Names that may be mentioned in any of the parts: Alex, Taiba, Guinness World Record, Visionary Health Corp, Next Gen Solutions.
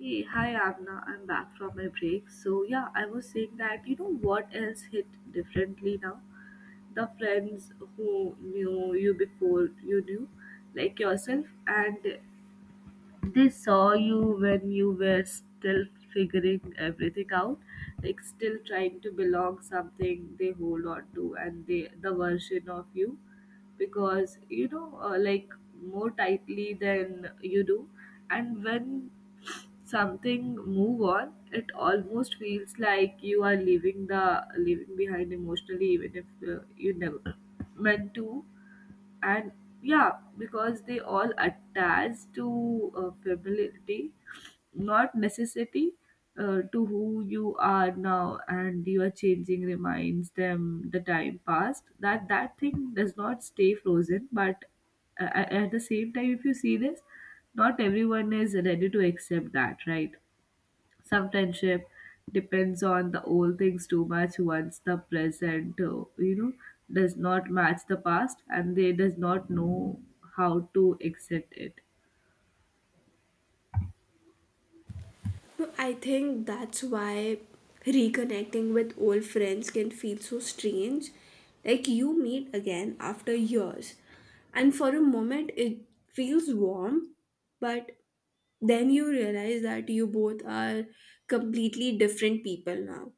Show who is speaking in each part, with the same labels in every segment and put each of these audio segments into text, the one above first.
Speaker 1: Hey, hi Avna. I'm back from my break. So yeah, I was saying that what else hit differently now? The friends who knew you before you knew, like yourself, and they saw you when you were still figuring everything out, like still trying to belong something they hold on to, and they the version of you because like more tightly than you do, and when something move on it almost feels like you are leaving the leaving behind emotionally even if you never meant to, and yeah because they all attach to familiarity, not necessity, to who you are now, and you are changing reminds them the time past that that thing does not stay frozen. But at the same time if you see this, not everyone is ready to accept that, right? Sometimes it depends on the old things too much once the present, does not match the past, and they does not know how to accept it.
Speaker 2: No, I think that's why reconnecting with old friends can feel so strange. Like you meet again after years, and for a moment it feels warm, but then you realize that you both are completely different people now.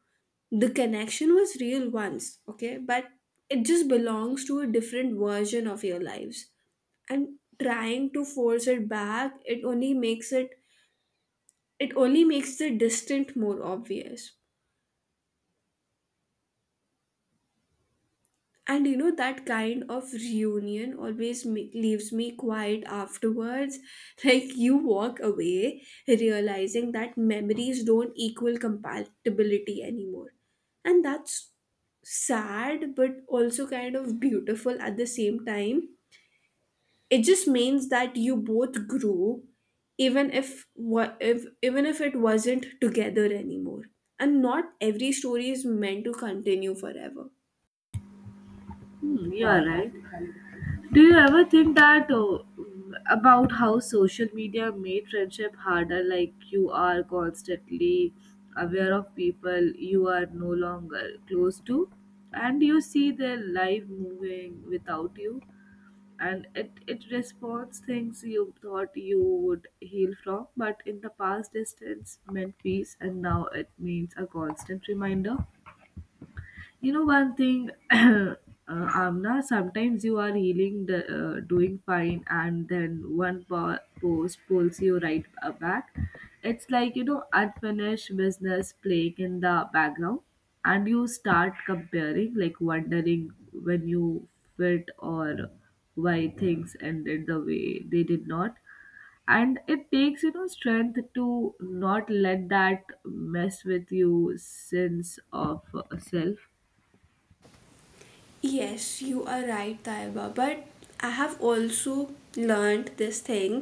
Speaker 2: The connection was real once, okay, but it just belongs to a different version of your lives. And trying to force it back, it only makes the distant more obvious. That kind of reunion always leaves me quiet afterwards. Like, you walk away realizing that memories don't equal compatibility anymore. And that's sad, but also kind of beautiful at the same time. It just means that you both grew, even if what if even if it wasn't together anymore, and not every story is meant to continue forever.
Speaker 1: Hmm, you are right. Do you ever think that oh, about how social media made friendship harder? Like, you are constantly aware of people you are no longer close to, and you see their life moving without you. And it responds things you thought you would heal from, but in the past distance meant peace, and now it means a constant reminder. You know one thing, Amna. Sometimes you are healing, the, doing fine, and then post pulls you right back. It's like, you know, unfinished business playing in the background, and you start comparing, like wondering when you fit, or why things ended the way they did not, and it takes, you know, strength to not let that mess with you sense of self.
Speaker 2: Yes, you are right, Taiba, but I have also learned this thing,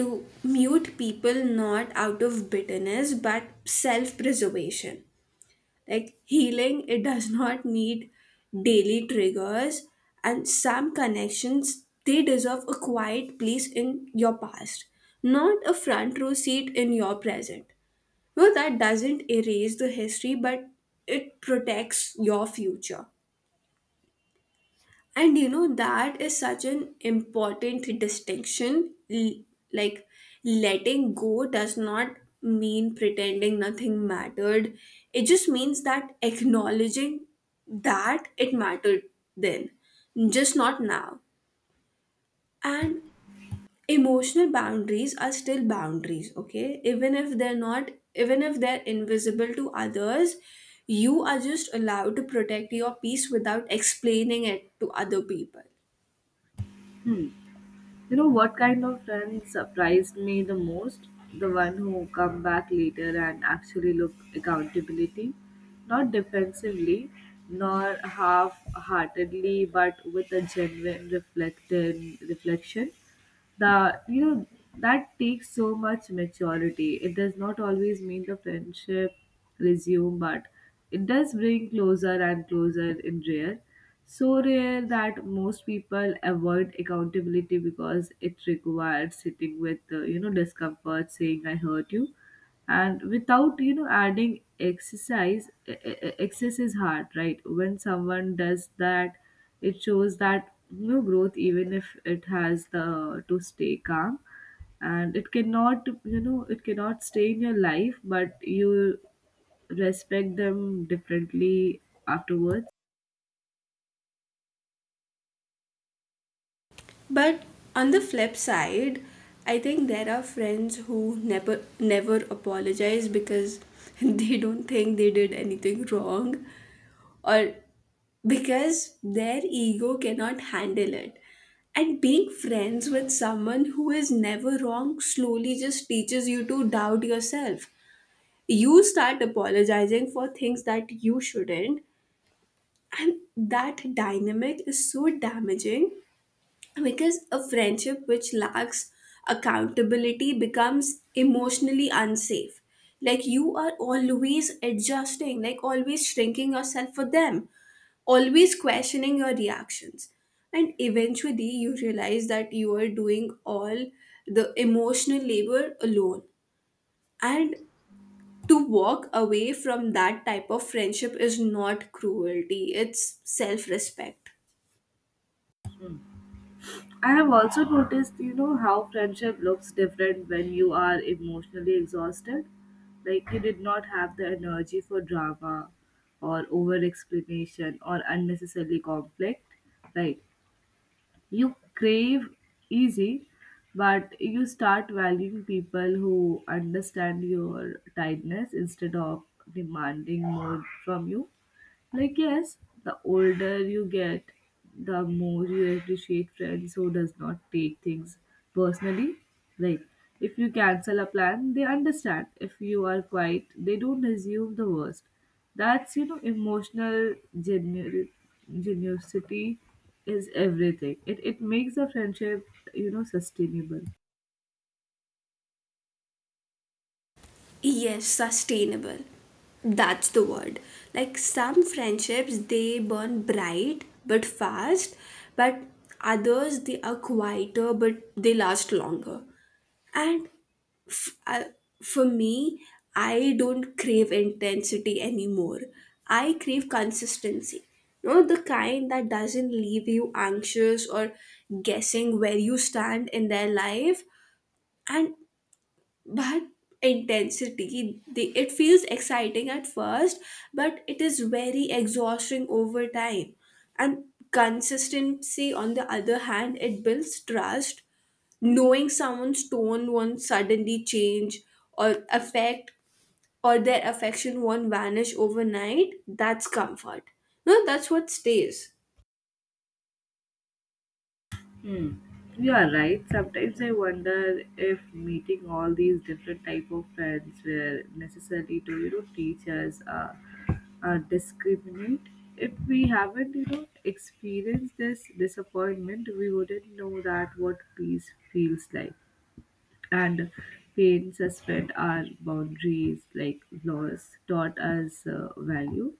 Speaker 2: to mute people, not out of bitterness but self preservation. Like healing, it does not need daily triggers, and some connections, they deserve a quiet place in your past, not a front row seat in your present. No, that doesn't erase the history, but it protects your future. And you know that is such an important distinction. Like, letting go does not mean pretending nothing mattered. It just means that acknowledging that it mattered then, just not now. And emotional boundaries are still boundaries, okay, even if they're invisible to others. You are just allowed to protect your peace without explaining it to other people.
Speaker 1: Hmm. You know what kind of friend surprised me the most? The one who come back later and actually look accountability, not defensively, nor half-heartedly, but with a genuine reflected reflection. The that takes so much maturity. It does not always mean the friendship resume, but it does bring closer and closer in rare, so rare that most people avoid accountability because it requires sitting with discomfort, saying I hurt you, and without, you know, adding exercise excess is hard, right? When someone does that, it shows that new growth, even if it has the to stay calm, and it cannot, you know, it cannot stay in your life, but you respect them differently afterwards.
Speaker 2: But on the flip side, I think there are friends who never apologize because they don't think they did anything wrong, or because their ego cannot handle it. And being friends with someone who is never wrong slowly just teaches you to doubt yourself. You start apologizing for things that you shouldn't, and that dynamic is so damaging, because a friendship which lacks accountability becomes emotionally unsafe. Like, you are always adjusting, like always shrinking yourself for them, always questioning your reactions. And eventually you realize that you are doing all the emotional labor alone, and to walk away from that type of friendship is not cruelty, it's self-respect.
Speaker 1: I have also noticed, you know, how friendship looks different when you are emotionally exhausted. Like, you did not have the energy for drama or over explanation or unnecessary conflict, right? You crave easy, but you start valuing people who understand your tiredness instead of demanding more from you. Like, yes, the older you get, the more you appreciate friends who does not take things personally. Like, if you cancel a plan, they understand. If you are quiet, they don't assume the worst. That's, you know, genuinity is everything. It makes the friendship, you know, sustainable.
Speaker 2: Yes, sustainable. That's the word. Like some friendships, they burn bright but fast, but others, they are quieter but they last longer. And f- I- for me, I don't crave intensity anymore. I crave consistency. You know, the kind that doesn't leave you anxious or guessing where you stand in their life. And but intensity, it feels exciting at first, but it is very exhausting over time. And consistency, on the other hand, it builds trust. Knowing someone's tone won't suddenly change, or affect, or their affection won't vanish overnight, that's comfort. No, that's what stays.
Speaker 1: Hmm. You are right. Sometimes I wonder if meeting all these different type of friends were necessary to, you know, teach us discriminate. If we haven't, you know, experienced this disappointment, we wouldn't know that what peace feels like. And pain suspend our boundaries, like loss taught us value,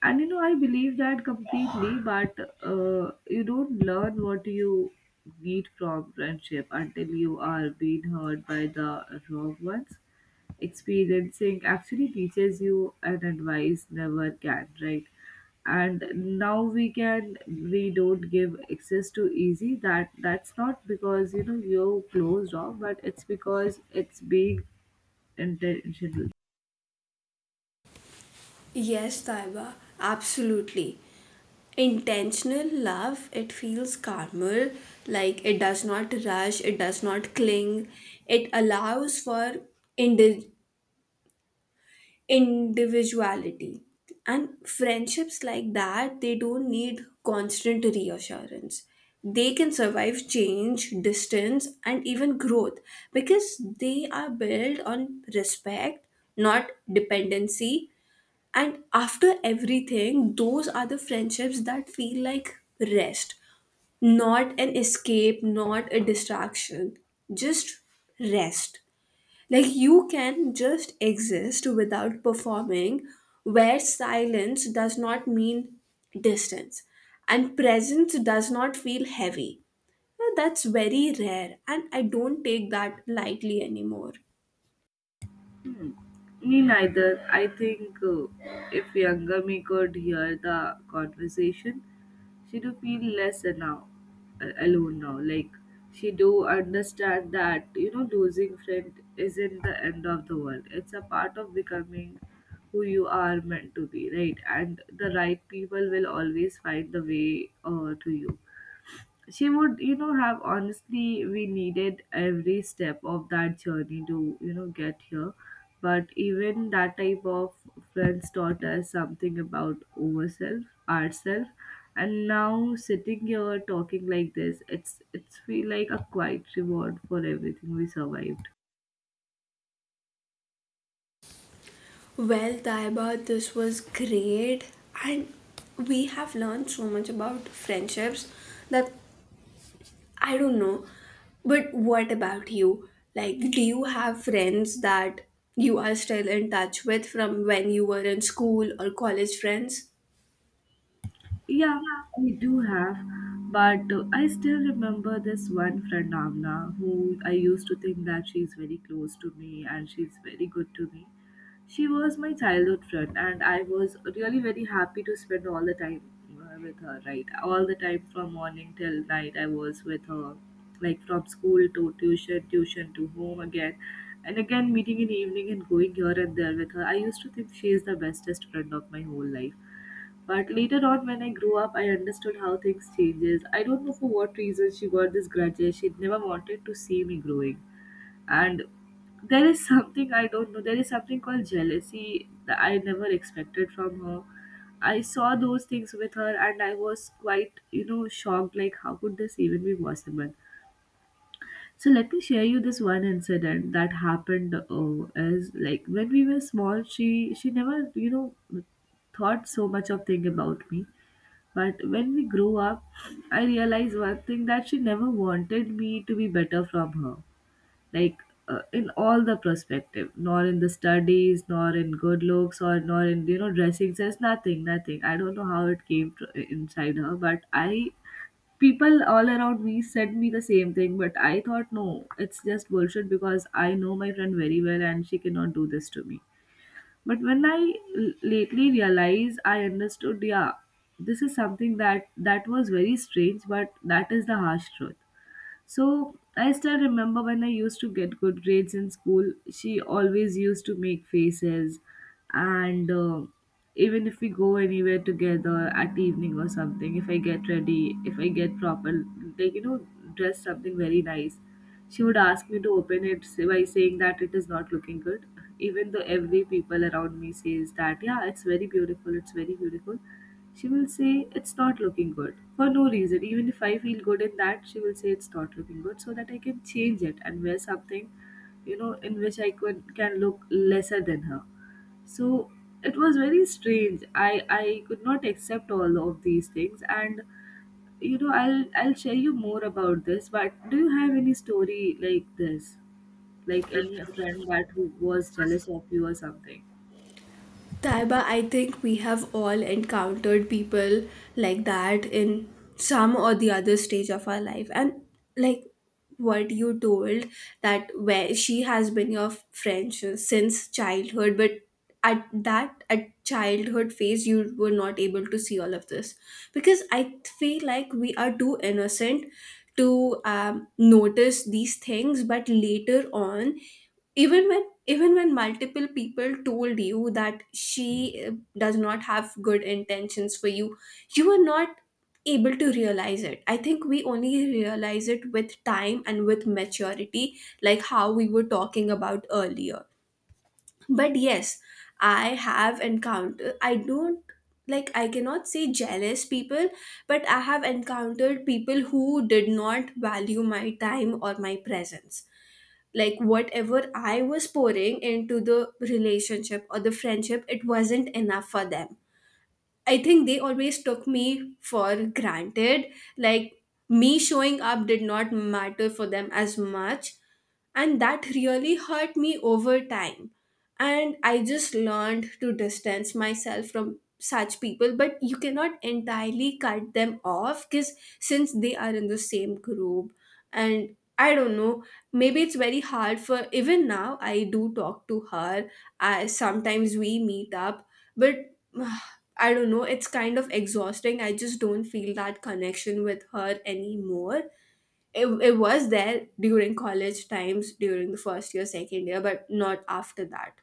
Speaker 1: and you know I believe that completely. But you don't learn what you need from friendship until you are being hurt by the wrong ones. Experiencing actually teaches you an advice never can, right? And now we can we don't give access to easy, that that's not because, you know, you're closed off, but it's because it's being intentional.
Speaker 2: Yes, Taiba, absolutely. Intentional love, it feels calmer. Like, it does not rush, it does not cling. It allows for indi- individuality. And friendships like that, they don't need constant reassurance. They can survive change, distance, and even growth, because they are built on respect, not dependency. And after everything, those are the friendships that feel like rest. Not an escape, not a distraction, just rest. Like, you can just exist without performing, where silence does not mean distance and presence does not feel heavy. Now, that's very rare, and I don't take that lightly anymore.
Speaker 1: Hmm, me neither. I think if younger me could hear the conversation, she do feel less now, alone now. Like, she do understand that, you know, losing friend isn't the end of the world. It's a part of becoming who you are meant to be, right? And the right people will always find the way to you. She would, you know, have honestly we needed every step of that journey to, you know, get here, but even that type of friends taught us something about ourselves. And now sitting here talking like this, it's feel like a quiet reward for everything we survived.
Speaker 2: Well, Taiba, this was great, and we have learned so much about friendships that I don't know. But what about you? Like, do you have friends that you are still in touch with from when you were in school or college friends?
Speaker 1: Yeah, we do have, but I still remember this one friend, Avna, who I used to think that she's very close to me and she's very good to me. She was my childhood friend, and I was really very happy to spend all the time with her, right? All the time from morning till night, I was with her, like from school to tuition, tuition to home again, and again meeting in evening and going here and there with her. I used to think she is the bestest friend of my whole life, but later on, when I grew up, I understood how things changes. I don't know for what reason she got this grudge. She never wanted to see me growing. And there is something I don't know. There is something called jealousy that I never expected from her. I saw those things with her, and I was quite, you know, shocked. Like, how could this even be possible? So let me share you this one incident that happened. As like when we were small, she never, you know, thought so much of thing about me, but when we grew up, I realized one thing that she never wanted me to be better from her, like in all the perspective, nor in the studies, nor in good looks, or nor in, you know, dressing sense, nothing, nothing. I don't know how it came to, inside her, but I people all around me said me the same thing, but I thought no, it's just bullshit because I know my friend very well and she cannot do this to me. But when lately realized, I understood, yeah, this is something that that was very strange, but that is the harsh truth. So I still remember when I used to get good grades in school. She always used to make faces, and even if we go anywhere together at evening or something, if I get ready, if I get proper, like, you know, dress something very nice, she would ask me to open it by saying that it is not looking good, even though every people around me says that yeah it's very beautiful, it's very beautiful. She will say it's not looking good for no reason. Even if I feel good in that, she will say it's not looking good so that I can change it and wear something, you know, in which I could can look lesser than her. So it was very strange. I could not accept all of these things, and, you know, I'll share you more about this, but do you have any story like this? Like, any friend that who was jealous of you or something?
Speaker 2: Taiba, I think we have all encountered people like that in some or the other stage of our life. And like what you told, that where she has been your friend since childhood, but at that at childhood phase you were not able to see all of this, because I feel like we are too innocent to notice these things. But later on, even when even when multiple people told you that she does not have good intentions for you, you were not able to realize it. I think we only realize it with time and with maturity, like how we were talking about earlier. But yes, I have encountered, I don't, like I cannot say jealous people, but I have encountered people who did not value my time or my presence. Like, whatever I was pouring into the relationship or the friendship, it wasn't enough for them. I think they always took me for granted. Like, me showing up did not matter for them as much. And that really hurt me over time. And I just learned to distance myself from such people. But you cannot entirely cut them off because since they are in the same group, and I don't know, maybe it's very hard. For even now, I do talk to her. I sometimes we meet up, but I don't know, it's kind of exhausting. I just don't feel that connection with her anymore. It was there during college times, during the first year, second year, but not after that.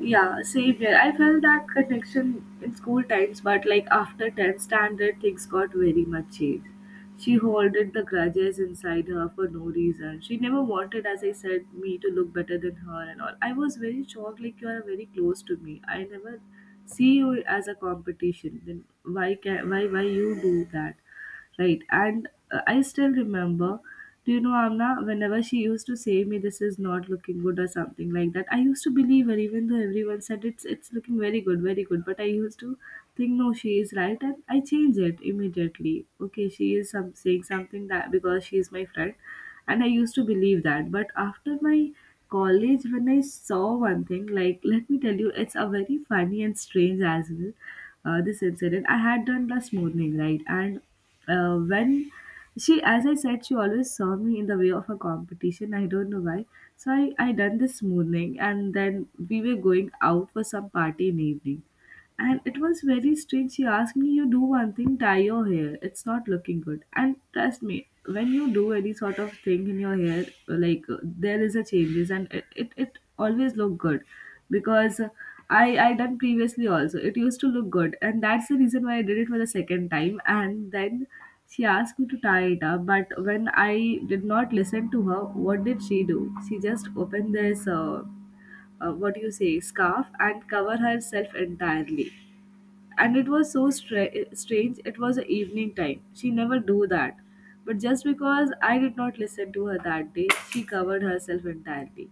Speaker 1: Yeah, same here. I felt that connection in school times, but like after 10th standard, things got very much changed. She hoarded the grudges inside her for no reason. She never wanted, as I said, me to look better than her and all. I was very shocked, like, you are very close to me. I never see you as a competition. Then why you do that? Right. And I still remember, do you know, Amna, whenever she used to say me this is not looking good or something like that, I used to believe her even though everyone said it's looking very good, very good. But I used to think no, she is right, and I change it immediately. Okay, she is some saying something that because she is my friend, and I used to believe that. But after my college when I saw one thing, like let me tell you, it's a very funny and strange as well. This incident I had done last morning, right? And when she, as I said, she always saw me in the way of a competition, I don't know why. So I done this morning, and then we were going out for some party in evening, and it was very strange. She asked me, you do one thing, dye your hair. It's not looking good. And trust me, when you do any sort of thing in your hair, like, there is a changes, and it always look good, because I done previously also. It used to look good. And that's the reason why I did it for the second time. And then she asked me to tie it up. But when I did not listen to her, what did she do? She just opened this, what do you say, scarf, and cover herself entirely. And it was so strange. It was an evening time, she never do that, but just because I did not listen to her that day, she covered herself entirely.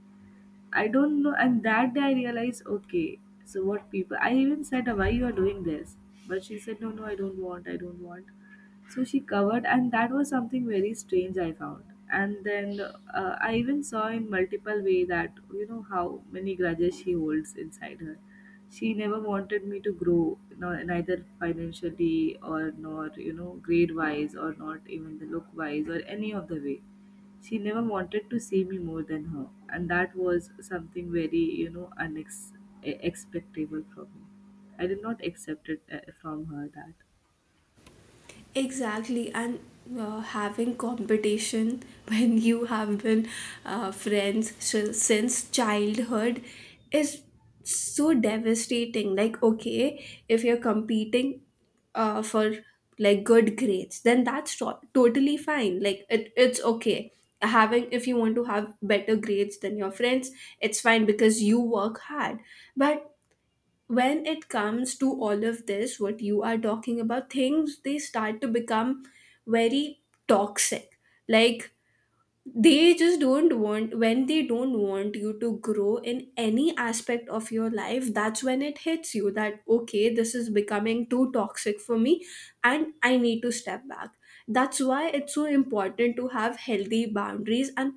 Speaker 1: I don't know. And that day I realized, okay. So what people, I even said, why you are doing this? But she said, no no, I don't want, I don't want. So she covered, and that was something very strange I found. And then I even saw in multiple way that, you know, how many grudges she holds inside her. She never wanted me to grow no, neither financially or nor, you know, grade wise, or not even the look wise or any of the way. She never wanted to see me more than her, and that was something very, you know, expectable from me. I did not accept it from her that.
Speaker 2: Exactly, and having competition when you have been friends since childhood is so devastating. Like, okay, if you're competing for, like, good grades, then that's totally fine. Like, it, it's okay. Having, if you want to have better grades than your friends, it's fine because you work hard. But when it comes to all of this what you are talking about, things they start to become very toxic. Like, they just don't want, when they don't want you to grow in any aspect of your life, that's when it hits you that okay, this is becoming too toxic for me and I need to step back. That's why it's so important to have healthy boundaries. And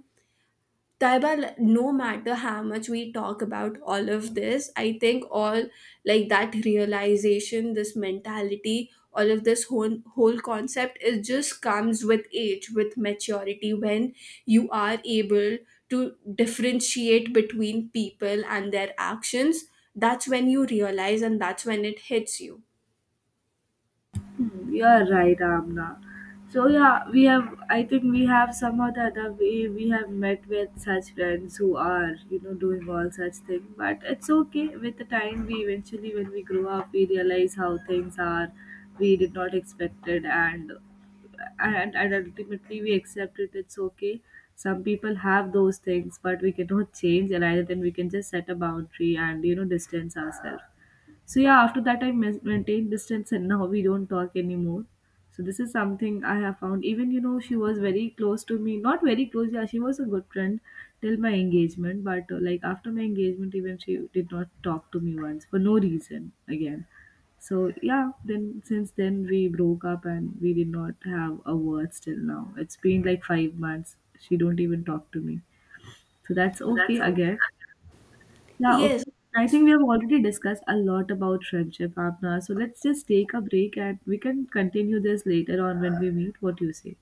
Speaker 2: Taiba, no matter how much we talk about all of this, I think all, like that realization, this mentality, all of this whole concept, it just comes with age, with maturity, when you are able to differentiate between people and their actions. That's when you realize, and that's when it hits you.
Speaker 1: Hmm, you are right, Amna. So yeah, we have. I think we have somehow the other we have met with such friends who are, you know, doing all such things. But it's okay. With the time, we eventually when we grow up, we realize how things are. We did not expect it, and and ultimately we accept it. It's okay. Some people have those things, but we cannot change, and either then we can just set a boundary and, you know, distance ourselves. So yeah, after that I maintained distance, and now we don't talk anymore. So this is something I have found. Even, you know, she was very close to me, not very close. Yeah, she was a good friend till my engagement, but like after my engagement, even she did not talk to me once for no reason again. So yeah, then since then we broke up, and we did not have a word till now. It's been like 5 months. She don't even talk to me. So that's okay again. Yeah,
Speaker 2: Yes.
Speaker 1: okay. I think we have already discussed a lot about friendship, Apna. So let's just take a break, and we can continue this later on when we meet. What do you say?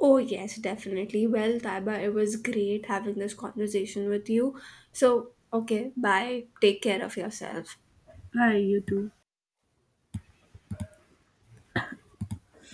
Speaker 2: Oh, yes, definitely. Well, Taiba, it was great having this conversation with you. So, okay, bye. Take care of yourself.
Speaker 1: Bye, you too.